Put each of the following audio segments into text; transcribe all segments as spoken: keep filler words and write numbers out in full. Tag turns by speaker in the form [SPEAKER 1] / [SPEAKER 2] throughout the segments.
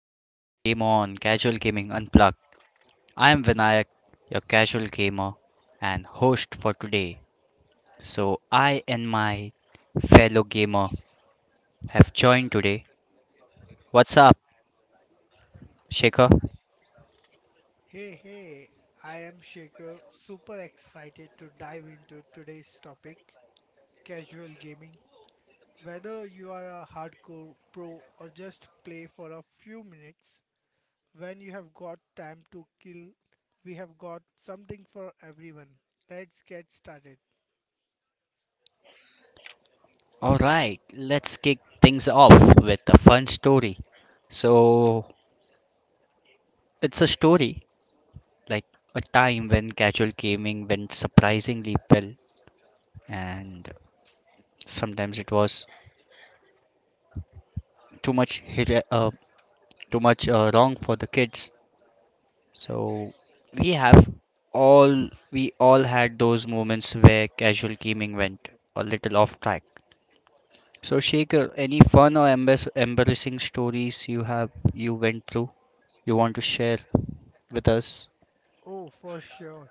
[SPEAKER 1] welcome to Game On Casual Gaming Unplugged. I am Vinayak, your casual gamer and host for today. So, I and my fellow gamer have joined today. What's up, Shaker?
[SPEAKER 2] Hey, hey, I am Shaker, super excited to dive into today's topic casual gaming. Whether you are a hardcore pro or just play for a few minutes, when you have got time to kill, we have got something for everyone. Let's get started.
[SPEAKER 1] Alright, let's kick things off with a fun story. So, it's a story like a time when casual gaming went surprisingly well, and sometimes it was too much, hira- uh, too much uh, wrong for the kids. So we have all we all had those moments where casual gaming went a little off track. So Shaker, any fun or embas- embarrassing stories you have you went through you want to share with us?
[SPEAKER 2] Oh, for sure.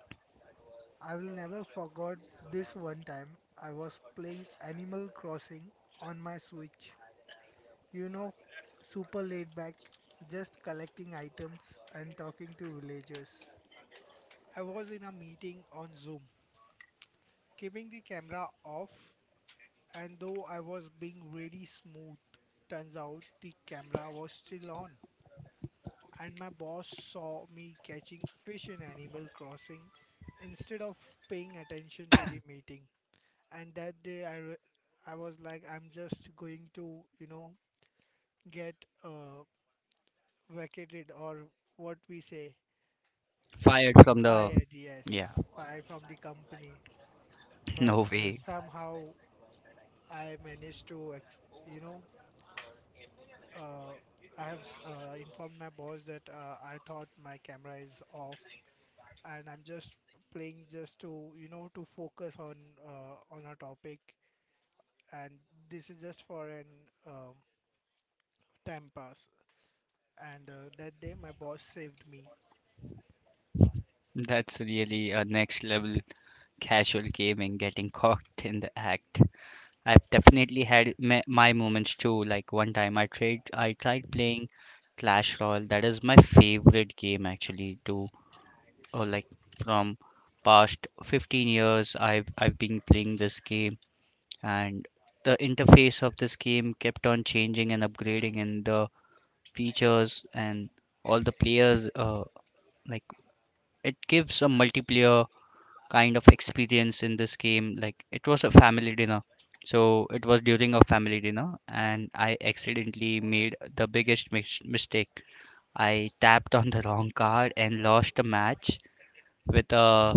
[SPEAKER 2] I will never forget this one time I was playing Animal Crossing on my Switch. You know, super laid back, just collecting items and talking to villagers. I was in a meeting on Zoom, keeping the camera off, and though I was being really smooth, turns out the camera was still on. And my boss saw me catching fish in Animal Crossing instead of paying attention to the meeting. And that day, I, re- I was like, I'm just going to, you know, get uh, vacated or what we say
[SPEAKER 1] Fired from the,
[SPEAKER 2] fired,
[SPEAKER 1] yeah.
[SPEAKER 2] yes, fired from the company. But
[SPEAKER 1] No
[SPEAKER 2] uh,
[SPEAKER 1] way.
[SPEAKER 2] somehow I managed to, ex- you know, uh, I have s- uh, informed my boss that uh, I thought my camera is off, and I'm just playing just to, you know, to focus on uh, on a topic, and this is just for an um time pass. And uh, that day, my boss saved me.
[SPEAKER 1] That's really a next level casual gaming getting caught in the act. I've definitely had my, my moments too. Like one time I tried I tried playing Clash Royale. That is my favorite game actually to, or like, from past fifteen years I've I've been playing this game, and the interface of this game kept on changing and upgrading, and the features and all the players, uh like it gives a multiplayer kind of experience in this game. Like it was a family dinner. So it was during a family dinner and I accidentally made the biggest mis- mistake. I tapped on the wrong card and lost the match with a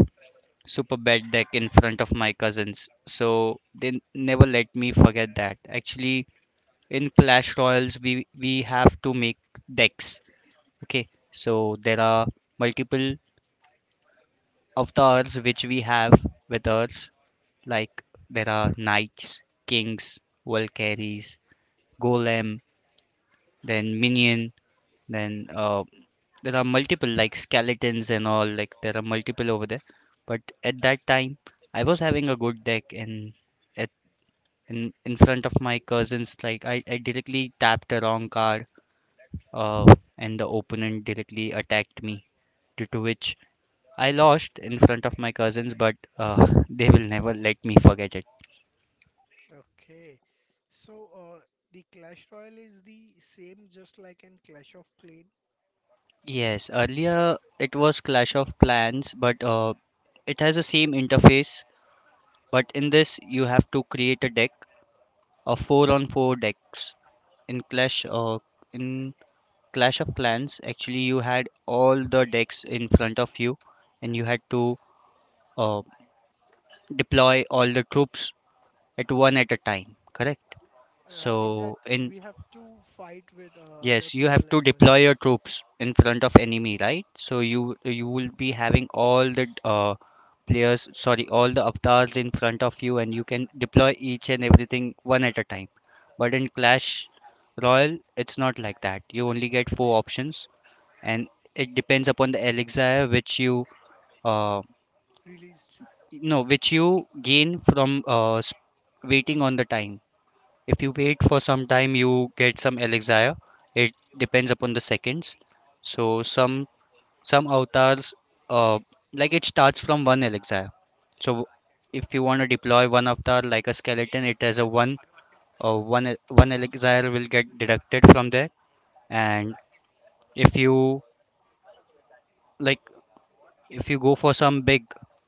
[SPEAKER 1] super bad deck in front of my cousins. So they n- never let me forget that. Actually, in Clash Royals, we we have to make decks. Okay, so there are multiple avatars which we have with us. Like there are knights, kings, valkyries, golem, then minion, then uh, there are multiple like skeletons and all. Like there are multiple over there. But at that time, I was having a good deck and at in, in front of my cousins, like I, I directly tapped a wrong card, uh, and the opponent directly attacked me. Due to which I lost in front of my cousins, but uh, they will never let me forget it.
[SPEAKER 2] Okay, so uh, the Clash Royale is the same, just like in Clash of Clans.
[SPEAKER 1] Yes, earlier it was Clash of Clans, but uh, it has the same interface. But in this, you have to create a deck, a four on four decks. In Clash, uh, in Clash of Clans, actually you had all the decks in front of you, and you had to uh, deploy all the troops at one at a time. Correct.
[SPEAKER 2] Uh, in that
[SPEAKER 1] So in,
[SPEAKER 2] we have to fight with uh, other
[SPEAKER 1] yes, you
[SPEAKER 2] people
[SPEAKER 1] have to
[SPEAKER 2] as well.
[SPEAKER 1] deploy your troops in front of enemy, right? So you you will be having all the uh, players, sorry, all the avatars in front of you, and you can deploy each and everything one at a time. But in Clash Royale, it's not like that. You only get four options, and it depends upon the elixir which you uh
[SPEAKER 2] Released.
[SPEAKER 1] no which you gain from uh s- waiting on the time. If you wait for some time, you get some elixir. It depends upon the seconds. So some some avatars, uh, like it starts from one elixir. So if you want to deploy one avatar like a skeleton, it has a one uh, one e- one elixir will get deducted from there. And if you like, if you go for some big,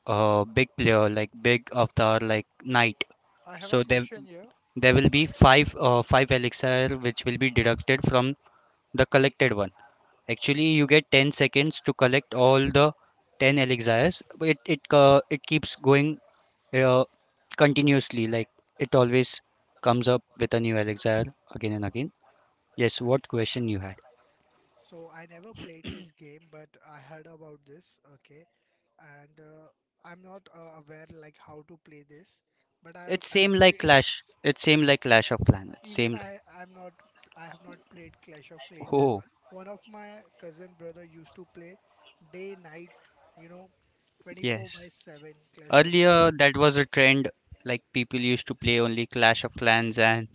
[SPEAKER 1] uh, big player like big avatar like knight,
[SPEAKER 2] I have a
[SPEAKER 1] so there
[SPEAKER 2] question here.
[SPEAKER 1] there will be five uh, five elixir which will be deducted from the collected one. Actually, you get ten seconds to collect all the ten elixirs. But It it uh, it keeps going uh, continuously. Like it always comes up with a new elixir again and again. Yes,
[SPEAKER 2] Okay.
[SPEAKER 1] what question you had?
[SPEAKER 2] So I never played this game, but I heard about this. Okay, and uh, I'm not uh, aware like how to play this, but I
[SPEAKER 1] It's
[SPEAKER 2] I'm
[SPEAKER 1] same like Clash.
[SPEAKER 2] curious.
[SPEAKER 1] It's same like Clash of Planets. Same
[SPEAKER 2] Even
[SPEAKER 1] like.
[SPEAKER 2] I I'm not I have not played Clash of Clans as
[SPEAKER 1] Oh,
[SPEAKER 2] well. One of my cousin brother used to play day night, you know, twenty-four by
[SPEAKER 1] yes.
[SPEAKER 2] seven Clash of
[SPEAKER 1] Earlier
[SPEAKER 2] Clans.
[SPEAKER 1] that was a trend. Like people used to play only Clash of Clans and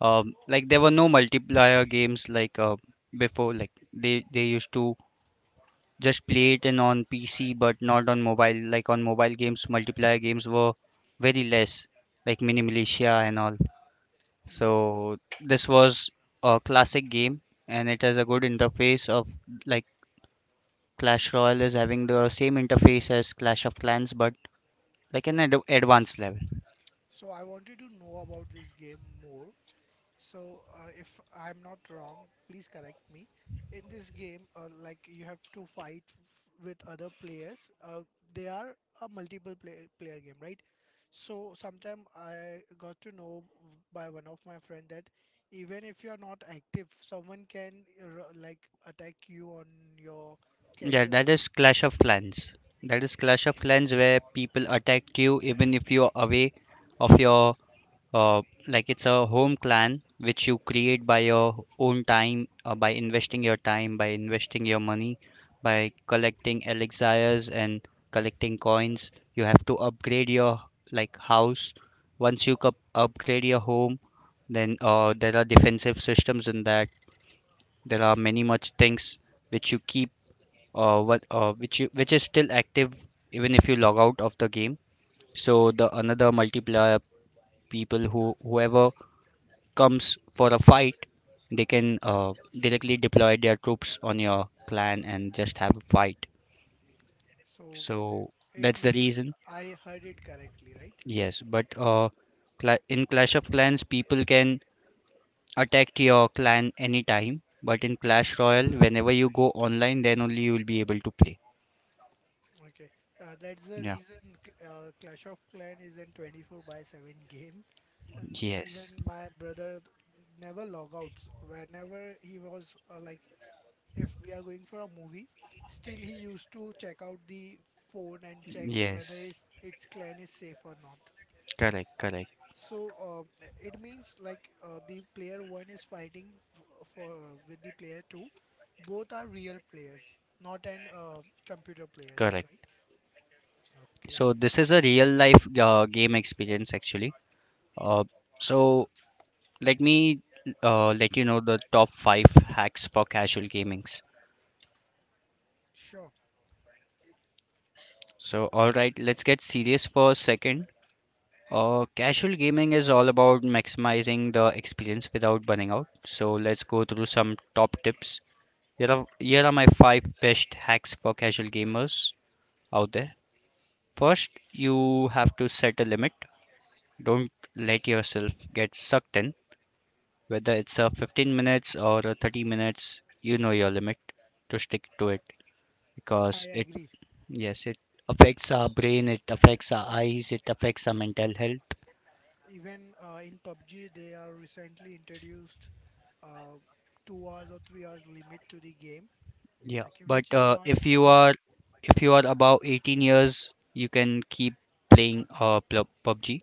[SPEAKER 1] um, like there were no multiplayer games like uh, before. Like they they used to just play it in on P C but not on mobile. Like on mobile games, multiplayer games were very less, like Mini Militia and all.
[SPEAKER 2] Yes.
[SPEAKER 1] So this was a classic game, and it has a good interface of like Clash Royale is having the same interface as Clash of Clans, but like an ad- advanced level.
[SPEAKER 2] So I wanted to know about this game more. So uh, if I'm not wrong, please correct me. In this game, uh, like you have to fight f- with other players. Uh, they are a multiple play- player game, right? So sometime I got to know w- by one of my friend that even if you're not active, someone can uh, ru- like attack you on your
[SPEAKER 1] Yeah,
[SPEAKER 2] castle.
[SPEAKER 1] that is Clash of Clans. That is Clash of Clans where people attack you even if you're away of your uh, like it's a home clan which you create by your own time, uh, by investing your time, by investing your money, by collecting elixirs and collecting coins. You have to upgrade your like house. Once you cup upgrade your home, then uh, there are defensive systems in that. There are many much things which you keep uh, what uh, which you, which is still active even if you log out of the game. So the another multiplayer people who whoever comes for a fight, they can uh, directly deploy their troops on your clan and just have a fight.
[SPEAKER 2] So
[SPEAKER 1] So
[SPEAKER 2] uh, it
[SPEAKER 1] that's the
[SPEAKER 2] means
[SPEAKER 1] reason.
[SPEAKER 2] I heard it correctly, right?
[SPEAKER 1] Yes, but uh, cla in Clash of Clans, people can attack your clan anytime. But in Clash Royale, whenever you go online, then only you will be able to play.
[SPEAKER 2] Okay, uh, that's the
[SPEAKER 1] Yeah.
[SPEAKER 2] reason c- uh, Clash of Clan is an twenty-four by seven game, and
[SPEAKER 1] Yes.
[SPEAKER 2] even my brother d- never log out. Whenever he was uh, like, if we are going for a movie, still he used to check out the phone and check whether
[SPEAKER 1] Yes.
[SPEAKER 2] its, its clan is safe or not.
[SPEAKER 1] Correct. Correct.
[SPEAKER 2] So um, it means like uh, the player one is fighting f- for uh, with the player two. Both are real players, not an uh, computer players, right?
[SPEAKER 1] Correct.
[SPEAKER 2] Okay,
[SPEAKER 1] So this is a real life uh, game experience actually. Uh, so let me uh, let you know the top five hacks for casual gamings.
[SPEAKER 2] sure.
[SPEAKER 1] So all right, let's get serious for a second. Uh, casual gaming is all about maximizing the experience without burning out. So let's go through some top tips. Here are here are my five best hacks for casual gamers out there. First, you have to set a limit. Don't let yourself get sucked in. Whether it's a fifteen minutes or a thirty minutes, you know your limit to stick to it
[SPEAKER 2] I
[SPEAKER 1] because it,
[SPEAKER 2] agree.
[SPEAKER 1] yes, it affects our brain, it affects our eyes, it affects our mental health.
[SPEAKER 2] Even uh, in P U B G, they are recently introduced uh, two hours or three hours limit to the game,
[SPEAKER 1] Yeah,
[SPEAKER 2] okay, which
[SPEAKER 1] but
[SPEAKER 2] is
[SPEAKER 1] uh,
[SPEAKER 2] not
[SPEAKER 1] if you
[SPEAKER 2] uh,
[SPEAKER 1] are, if you are above eighteen years, you can keep playing uh pl- PUBG.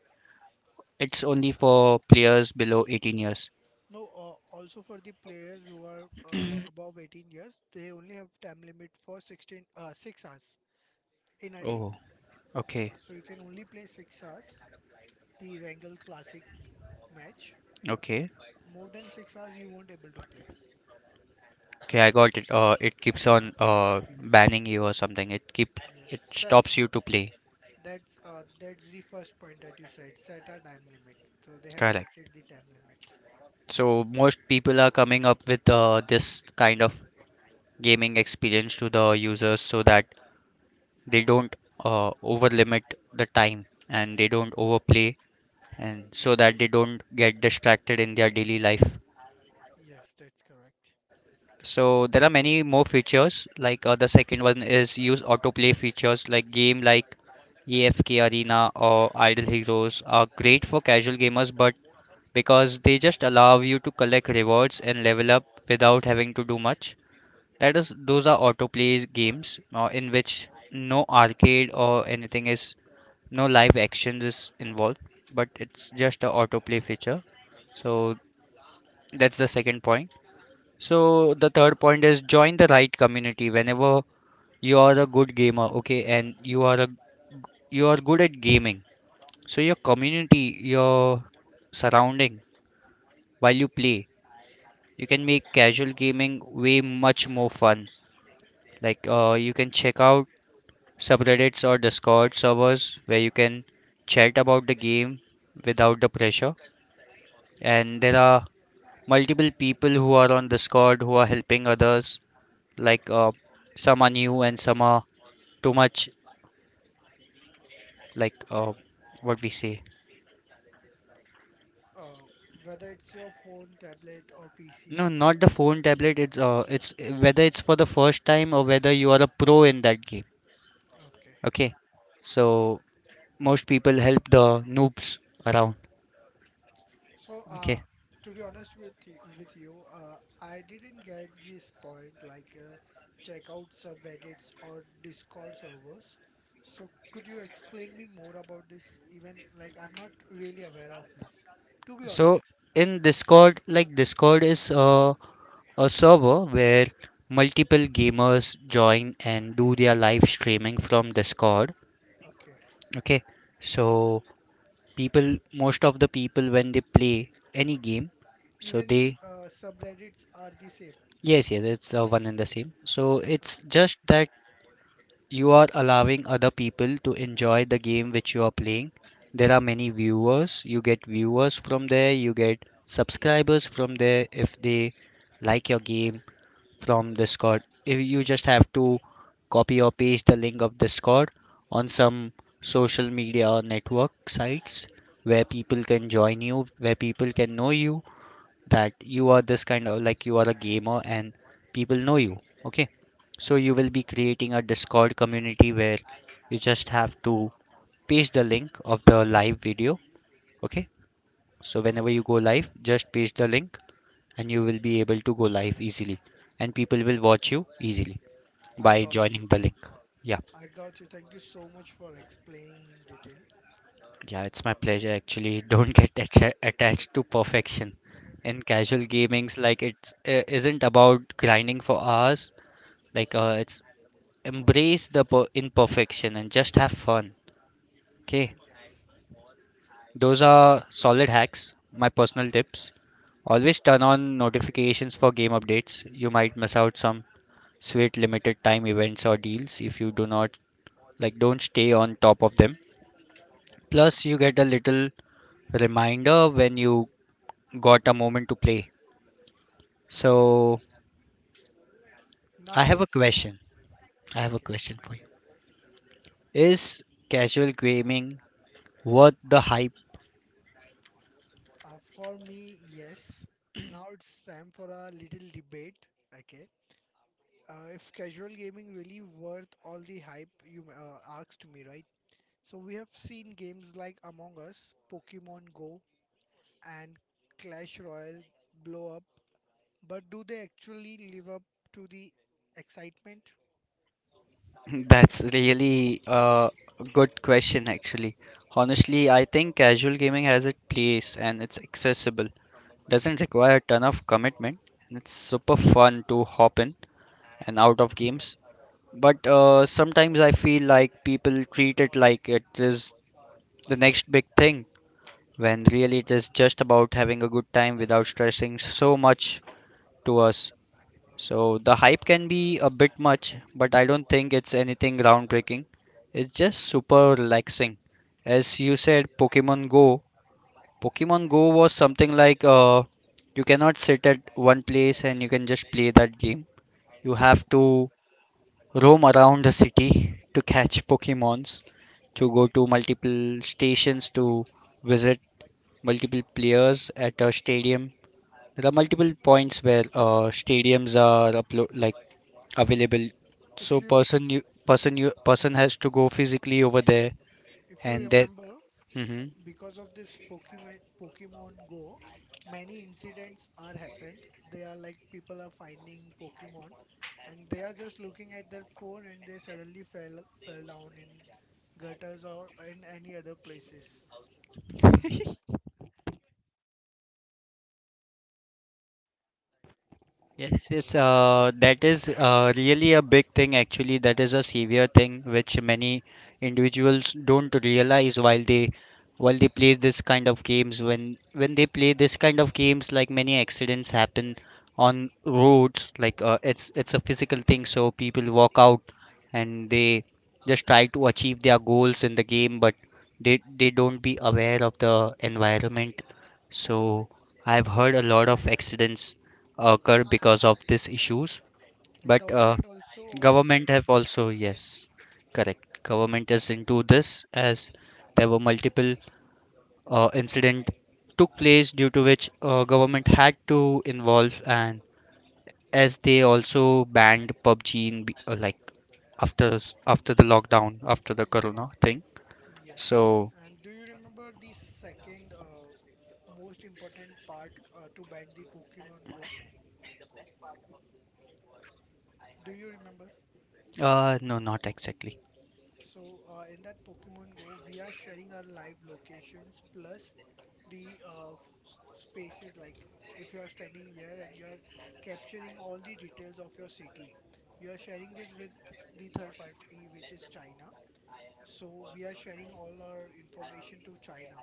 [SPEAKER 1] It's only for players below eighteen years.
[SPEAKER 2] no. Uh, also for the players who are uh, above eighteen years, they only have time limit for sixteen uh, six hours in a day.
[SPEAKER 1] Oh, okay,
[SPEAKER 2] So you can only play six hours. The Wrangle Classic match,
[SPEAKER 1] okay,
[SPEAKER 2] more than six hours you won't able to play.
[SPEAKER 1] okay. I got it. Uh, it keeps on uh banning you or something. It keep
[SPEAKER 2] Yes,
[SPEAKER 1] it
[SPEAKER 2] set.
[SPEAKER 1] stops you to play.
[SPEAKER 2] That's uh, that's the first point that you said. Set a time limit. So they have
[SPEAKER 1] Correct.
[SPEAKER 2] set it the time limit.
[SPEAKER 1] So most people are coming up with uh, this kind of gaming experience to the users so that they don't uh, over limit the time and they don't overplay and so that they don't get distracted in their daily life.
[SPEAKER 2] Yes, that's correct.
[SPEAKER 1] So there are many more features like, uh, the second one is use autoplay features like game like A F K Arena or Idle Heroes are great for casual gamers, but because they just allow you to collect rewards and level up without having to do much. That is, those are autoplays games uh, in which no arcade or anything is, no live actions is involved, but it's just a autoplay feature. So that's the second point. So the third point is join the right community. Whenever you are a good gamer, okay, and you are a, you are good at gaming, so your community, your surrounding while you play, you can make casual gaming way much more fun. Like, uh, you can check out subreddits or Discord servers where you can chat about the game without the pressure. And there are multiple people who are on Discord who are helping others. Like, uh, some are new and some are too much. Like, uh, what we say.
[SPEAKER 2] Uh, Whether it's your phone, tablet, or P C.
[SPEAKER 1] No, not the phone tablet. It's uh, it's whether it's for the first time or whether you are a pro in that game.
[SPEAKER 2] Okay.
[SPEAKER 1] Okay, so most people help the noobs around.
[SPEAKER 2] So, uh,
[SPEAKER 1] Okay,
[SPEAKER 2] to be honest with y- with you, uh, I didn't get this point. Like, uh, check out subreddits or Discord servers. So, could you explain me more about this? Even like, I'm not really aware of this. To be
[SPEAKER 1] so
[SPEAKER 2] honest.
[SPEAKER 1] in Discord, like Discord is a, a server where multiple gamers join and do their live streaming from Discord.
[SPEAKER 2] Okay.
[SPEAKER 1] Okay, so people most of the people when they play any game, so
[SPEAKER 2] Even the
[SPEAKER 1] they,
[SPEAKER 2] uh, subreddits are the same.
[SPEAKER 1] yes, yes, it's the one and the same. So it's
[SPEAKER 2] Okay,
[SPEAKER 1] just that you are allowing other people to enjoy the game which you are playing. There are many viewers. You get viewers from there. You get subscribers from there if they like your game from Discord. If you just have to copy or paste the link of Discord on some social media or network sites where people can join you, where people can know you, that you are this kind of, like, you are a gamer and people know you. Okay, so you will be creating a Discord community where you just have to paste the link of the live video. Okay, so whenever
[SPEAKER 2] okay.
[SPEAKER 1] you go live, just paste the link and you will be able to go live easily and people will watch you easily
[SPEAKER 2] I
[SPEAKER 1] by
[SPEAKER 2] got you.
[SPEAKER 1] joining the link. Yeah,
[SPEAKER 2] I got you. Thank you so much for explaining in detail.
[SPEAKER 1] yeah, it's my pleasure actually. Don't get atta- attached to perfection in casual gamings. Like, it's uh, isn't about grinding for hours. Like, uh, it's embrace the per- imperfection and just have fun. Okay,
[SPEAKER 2] Yes.
[SPEAKER 1] those are solid hacks. My personal tips. Always turn on notifications for game updates. You might miss out some sweet limited time events or deals if you do not like don't stay on top of them. Plus you get a little reminder when you got a moment to play. So I
[SPEAKER 2] Now
[SPEAKER 1] have a
[SPEAKER 2] it's
[SPEAKER 1] question. I have a
[SPEAKER 2] okay.
[SPEAKER 1] question for you. Is casual gaming worth the hype?
[SPEAKER 2] Uh, for me, yes. Now it's time for a little debate. Okay. Uh, if casual gaming really worth all the hype you uh, asked me, right? So we have seen games like Among Us, Pokemon Go, and Clash Royale blow up but do they actually live up to the excitement?
[SPEAKER 1] That's really a good question, actually. Honestly, I think casual gaming has its place and it's accessible. Doesn't require a ton of commitment, and it's super fun to hop in and out of games. But uh, sometimes I feel like people treat it like it is the next big thing, when really it is just about having a good time without stressing so much to us. So the hype can be a bit much, but I don't think it's anything groundbreaking. It's just super relaxing. As you said, Pokemon Go. Pokemon Go was something like uh, you cannot sit at one place and you can just play that game. You have to roam around the city to catch Pokemons, to go to multiple stations to visit multiple players at a stadium. There are multiple points where uh, stadiums are uplo- like available
[SPEAKER 2] If
[SPEAKER 1] so
[SPEAKER 2] you
[SPEAKER 1] person you person you person has to go physically over there
[SPEAKER 2] if you
[SPEAKER 1] and that
[SPEAKER 2] remember,
[SPEAKER 1] hmm.
[SPEAKER 2] because of this Pokemon Pokemon Go, many incidents are happened. They are like people are finding Pokemon, and they are just looking at their phone, and they suddenly fell fell down in gutters or in any other places.
[SPEAKER 1] Yes, yes, uh, that is uh, really a big thing actually. That is a severe thing which many individuals don't realize while they while they play this kind of games. When when they play this kind of games, like many accidents happen on roads. Like uh, it's it's a physical thing, so people walk out and they just try to achieve their goals in the game, but they they don't be aware of the environment. So I've heard a lot of accidents occur because of these issues
[SPEAKER 2] And
[SPEAKER 1] but uh,
[SPEAKER 2] government also uh,
[SPEAKER 1] government
[SPEAKER 2] banned
[SPEAKER 1] have also
[SPEAKER 2] this.
[SPEAKER 1] yes correct, government is into this as there were multiple uh, incident took place due to which uh, government had to involve and as they also banned P U B G in, be- uh, like after s- after the lockdown after the corona thing
[SPEAKER 2] Yes.
[SPEAKER 1] so
[SPEAKER 2] And do you remember the second uh, most important part uh, to bind the Pokemon Go? Do you remember?
[SPEAKER 1] uh no, not exactly.
[SPEAKER 2] So uh, in that Pokemon Go, we are sharing our live locations plus the uh, f- s- spaces. Like if you are standing here and you are capturing all the details of your city, you are sharing this with the third party, which is China. So we are sharing all our information to China.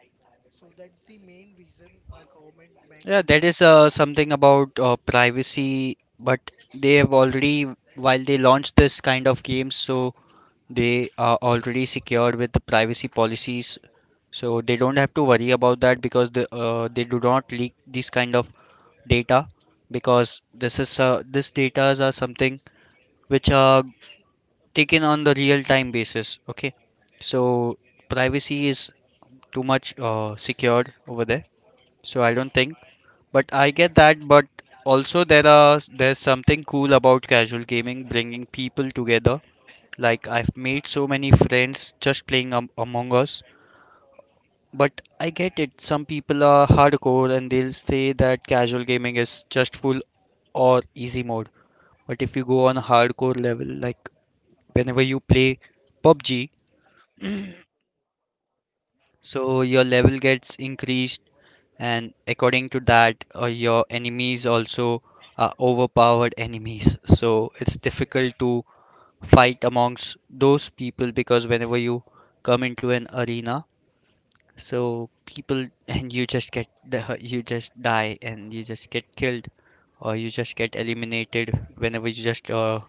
[SPEAKER 2] So that's the main reason our government banned
[SPEAKER 1] Yeah,
[SPEAKER 2] this
[SPEAKER 1] that
[SPEAKER 2] game.
[SPEAKER 1] is uh, something about uh, privacy, but they have already, while they launched this kind of games, so they are already secured with the privacy policies. So they don't have to worry about that because the, uh, they do not leak this kind of data because this is uh, this datas are something which are taken on the real time basis. Okay, so privacy is too much uh, secured over there. So I don't think. But I get that, but also there are there's something cool about casual gaming bringing people together. Like I've made so many friends just playing um, Among Us. But I get it. Some people are hardcore and they'll say that casual gaming is just full or easy mode. But if you go on a hardcore level, like whenever you play P U B G, so your level gets increased and according to that uh, your enemies also are overpowered enemies so it's difficult
[SPEAKER 2] Yes,
[SPEAKER 1] to fight amongst those people because whenever you come into an arena so people and you just get the, you just die and you just get killed or you just get eliminated whenever you just uh,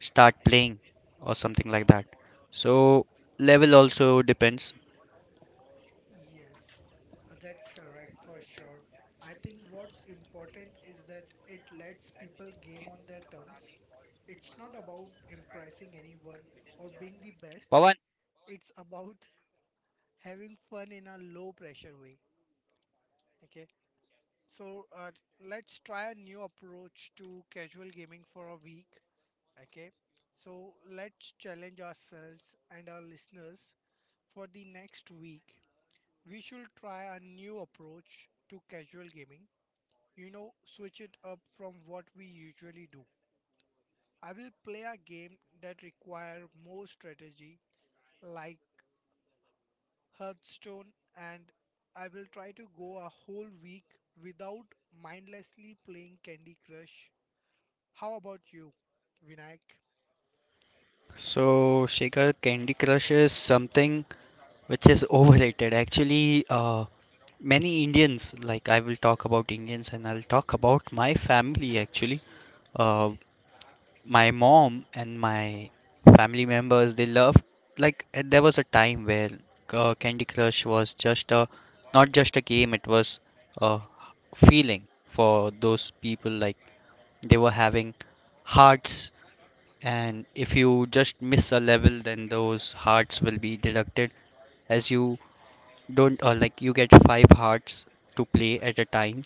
[SPEAKER 1] start playing or something like that so level also depends.
[SPEAKER 2] yes, uh, that's correct for sure. I think what's important is that it lets people game on their terms. It's not about impressing anyone or being the best.
[SPEAKER 1] Pawan.
[SPEAKER 2] It's about having fun in a low pressure way. Okay. So uh, let's try a new approach to casual gaming for a week. Okay. So let's challenge ourselves and our listeners for the next week. We should try a new approach to casual gaming. You know, switch it up from what we usually do. I will play a game that require more strategy like Hearthstone and I will try to go a whole week without mindlessly playing Candy Crush. How about you, Vinayak?
[SPEAKER 1] So, Shekhar, Candy Crush is something which is overrated. Actually, uh, many Indians, like I will talk about Indians and I'll talk about my family actually. Uh, my mom and my family members, they loved, like, uh, there was a time where uh, Candy Crush was just a, not just a game, it was a feeling for those people. Like, they were having hearts, and if you just miss a level, then those hearts will be deducted as you don't uh, like you get five hearts to play at a time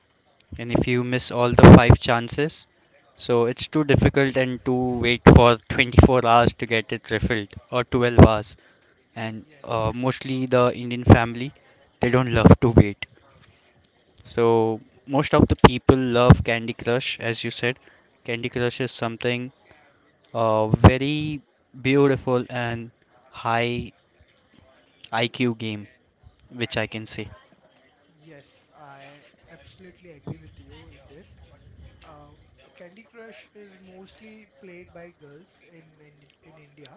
[SPEAKER 1] and if you miss all the five chances so it's too difficult and to wait for twenty-four hours to get it refilled or twelve hours and uh,
[SPEAKER 2] Yes,
[SPEAKER 1] mostly the indian family they don't love to wait so most of the people love candy crush. As you said, candy crush is something uh, very beautiful and high iq game which I can say
[SPEAKER 2] yes, I absolutely agree with you in this. Uh, Candy Crush is mostly played by girls in in, in India.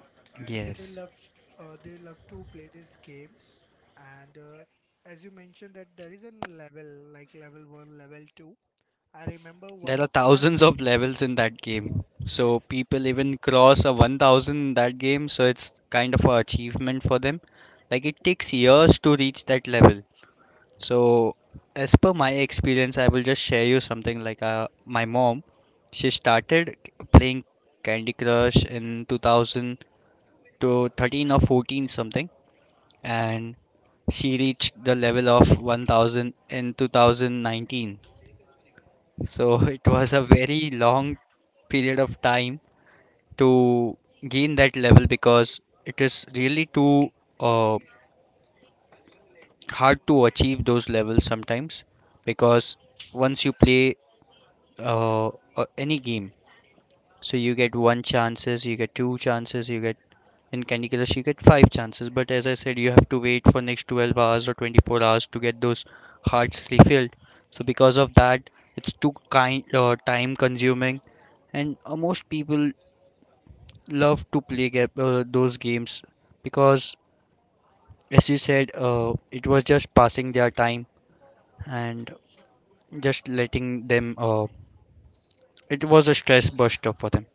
[SPEAKER 2] Okay, they
[SPEAKER 1] yes.
[SPEAKER 2] love t- uh, they love to play this game, and uh, as you mentioned that there is a level like level one, level two. I remember one
[SPEAKER 1] There are
[SPEAKER 2] of my f-
[SPEAKER 1] thousands of levels in that game. So
[SPEAKER 2] Yes,
[SPEAKER 1] people even cross a one thousand in that game, so it's kind of an achievement for them. Like it takes years to reach that level. So as per my experience, I will just share you something like uh, my mom, she started playing Candy Crush in two thousand to thirteen or fourteen something, and she reached the level of one thousand in two thousand nineteen
[SPEAKER 2] oh
[SPEAKER 1] so
[SPEAKER 2] my
[SPEAKER 1] it
[SPEAKER 2] God,
[SPEAKER 1] was a very long period of time to gain that level because it is really too uh, hard to achieve those levels sometimes because once you play uh, uh, any game so you get one chances you get two chances you get in Candy Crush you get five chances but as I said you have to wait for next twelve hours or twenty-four hours to get those hearts refilled so because of that it's too kind uh, time consuming and uh, most people love to play ga- uh, those games because, as you said, uh, it was just passing their time and just letting them. Uh, it was a stress buster for them.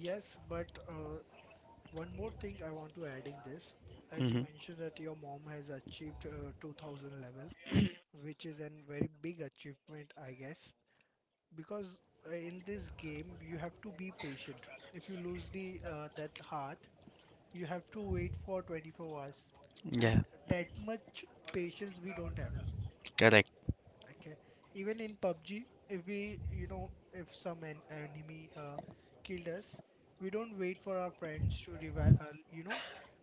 [SPEAKER 2] yes, but uh, One more thing I want to add in this, as you
[SPEAKER 1] Hmm.
[SPEAKER 2] mentioned that your mom has achieved uh, two thousand level, which is a very big achievement, I guess, because uh, in this game you have to be patient. If you lose the uh, that heart, you have to wait for twenty-four hours,
[SPEAKER 1] Yeah,
[SPEAKER 2] and that much patience we don't have.
[SPEAKER 1] correct.
[SPEAKER 2] Okay. Even in P U B G, if we, you know, if some en enemy uh, killed us, we don't wait for our friends to revive, uh, you know,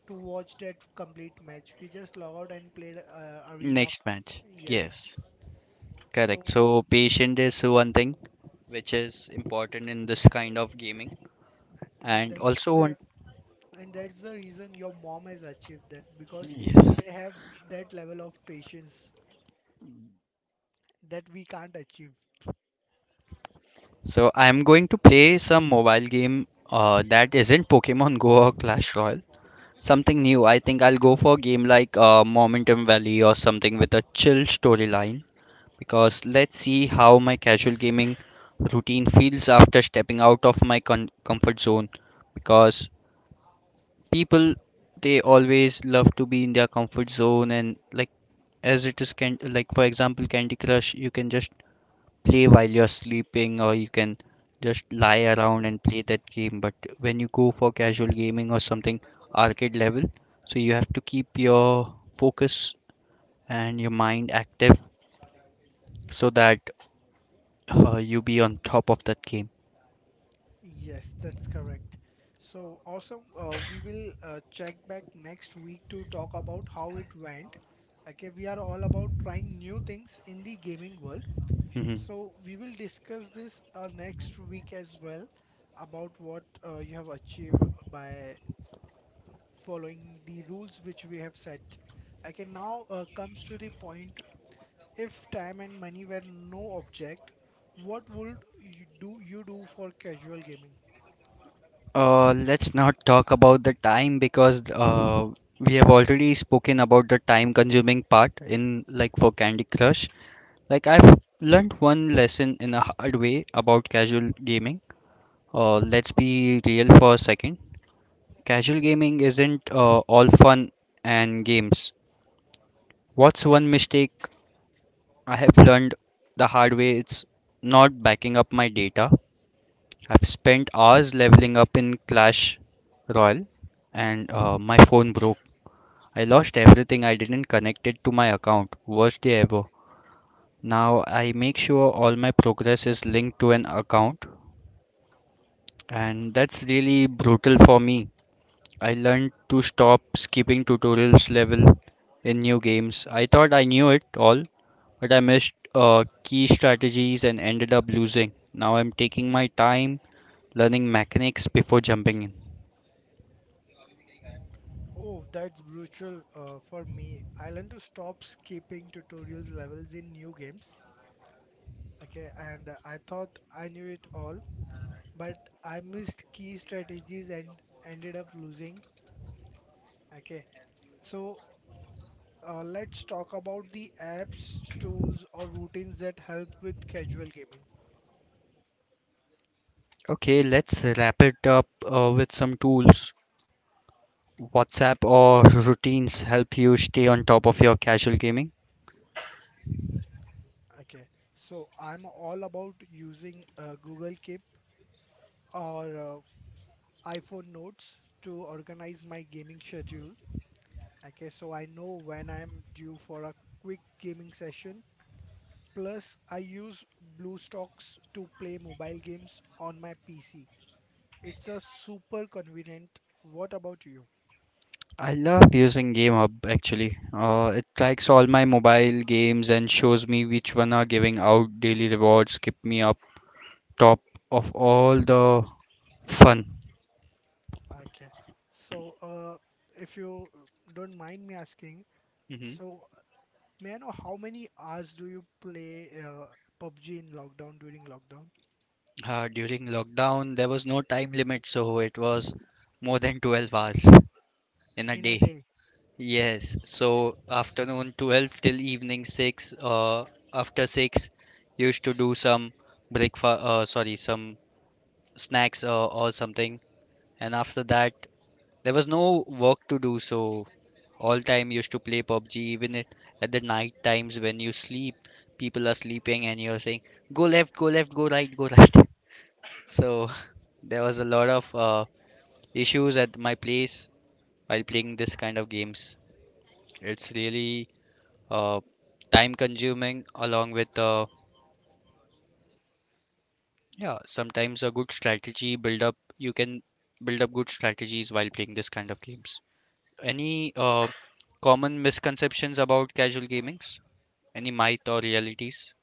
[SPEAKER 2] to watch that complete match. We just log out and played uh, arena.
[SPEAKER 1] Next match.
[SPEAKER 2] Yes.
[SPEAKER 1] Yes, correct.
[SPEAKER 2] So,
[SPEAKER 1] So patient is one thing which is important in this kind of gaming,
[SPEAKER 2] a- and
[SPEAKER 1] and
[SPEAKER 2] that's
[SPEAKER 1] also
[SPEAKER 2] the
[SPEAKER 1] on
[SPEAKER 2] and that's the reason your mom has achieved that because
[SPEAKER 1] yes.
[SPEAKER 2] they have that level of patience that we can't achieve.
[SPEAKER 1] So I'm going to play some mobile game. Uh, that isn't Pokemon Go or Clash Royale. Something new. I think I'll go for a game like uh, Momentum Valley or something with a chill storyline because let's see how my casual gaming routine feels after stepping out of my con- comfort zone because people they always love to be in their comfort zone and like as it is can like for example Candy Crush you can just play while you're sleeping or you can just lie around and play that game but when you go for casual gaming or something arcade level so you have to keep your focus and your mind active so that uh, you be on top of that game.
[SPEAKER 2] Yes, that's correct. So awesome. Uh, we will uh, check back next week to talk about how it went. Okay, we are all about trying new things in the gaming world.
[SPEAKER 1] Mhm.
[SPEAKER 2] So we will discuss this uh, next week as well about what uh, you have achieved by following the rules which we have set. Okay, now uh, comes to the point if time and money were no object, what would you do you do for casual gaming?
[SPEAKER 1] uh, let's not talk about the time because uh, we have already spoken about the time consuming part in like for Candy Crush. Like I've learned one lesson in a hard way about casual gaming. Uh, let's be real for a second. Casual gaming isn't uh, all fun and games. What's one mistake I have learned the hard way? It's not backing up my data. I've spent hours leveling up in Clash Royale and uh, my phone broke. I lost everything. I didn't connect it to my account. Worst day ever. Now I make sure all my progress is linked to an account, and that's really brutal for me. I learned to stop skipping tutorials level in new games. I thought I knew it all, but I missed uh, key strategies and ended up losing. Now I'm taking my time learning mechanics before jumping in.
[SPEAKER 2] Oh, that's brutal uh, for me. I learned to stop skipping tutorials levels in new games. Okay, and I thought I knew it all, but I missed key strategies and ended up losing. Okay, so uh, let's talk about the apps, tools, or routines that help with casual gaming.
[SPEAKER 1] Okay, let's wrap it up uh, with some tools. WhatsApp or routines help you stay on top of your casual gaming.
[SPEAKER 2] Okay, so I'm all about using uh, Google Keep or uh, iPhone Notes to organize my gaming schedule. Okay, so I know when I'm due for a quick gaming session. Plus, I use BlueStocks to play mobile games on my P C. It's a super convenient. What about you?
[SPEAKER 1] I love using GameHub actually. Uh, it tracks all my mobile games and shows me which one are giving out daily rewards, keep me up top of all the fun.
[SPEAKER 2] Okay. So, uh, if you don't mind me asking,
[SPEAKER 1] Hmm.
[SPEAKER 2] so uh, may I know how many hours do you play uh, P U B G in lockdown during lockdown
[SPEAKER 1] Uh, during lockdown, there was no time limit, so it was more than twelve hours in a
[SPEAKER 2] in a
[SPEAKER 1] day.
[SPEAKER 2] day?
[SPEAKER 1] Yes, so afternoon twelve till evening six, uh, after six, used to do some breakfast, uh, sorry, some snacks uh, or something. And after that, there was no work to do, so all time used to play P U B G even it at the night times when you sleep people are sleeping and you're saying go left go left, go right go right So there was a lot of uh, issues at my place while playing this kind of games. It's really uh, time consuming along with uh, yeah sometimes a good strategy build up you can build up good strategies while playing this kind of games. Any uh, common misconceptions about casual gamings, any myth or realities?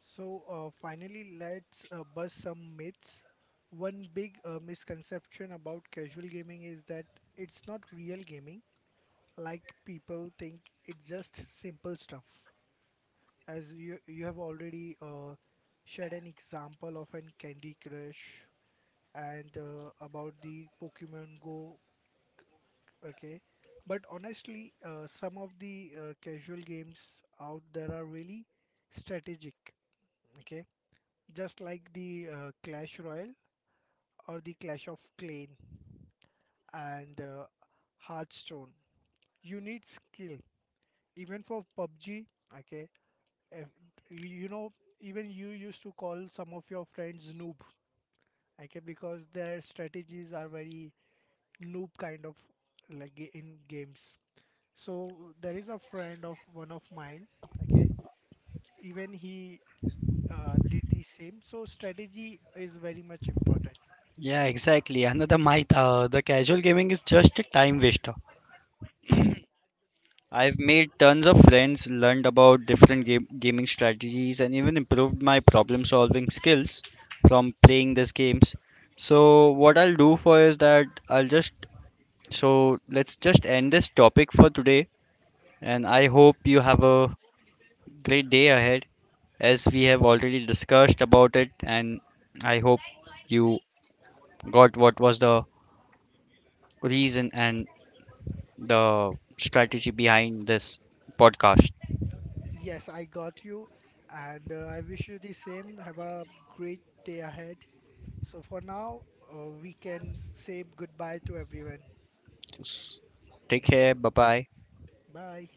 [SPEAKER 2] So, uh, finally, let's uh, bust some myths. One big uh, misconception about casual gaming is that it's not real gaming, like people think it's just simple stuff. As you you have already uh, shared an example of an Candy Crush and uh, about the Pokemon Go, okay. But honestly, uh, some of the uh, casual games out there are really strategic, okay just like the uh, Clash Royale or the Clash of Clan and uh, Hearthstone. You need skill, even for P U B G. Okay, if, you know, even you used to call some of your friends noob. Okay, because their strategies are very noob kind of like ga- in games. So there is a friend of one of mine. Okay, even he uh, did the same. So strategy is very much important.
[SPEAKER 1] Yeah, exactly. Another myth, uh, the casual gaming is just a time waster. I've made tons of friends, learned about different game gaming strategies, and even improved my problem solving skills from playing these games. So what I'll do for is that I'll just so let's just end this topic for today, and I hope you have a great day ahead as we have already discussed about it, and I hope you got what was the reason and the strategy behind this podcast.
[SPEAKER 2] Yes, I got you, and uh, I wish you the same. Have a great day ahead. So, for now, uh, we can say goodbye to everyone.
[SPEAKER 1] Just Take care. Bye bye.
[SPEAKER 2] Bye.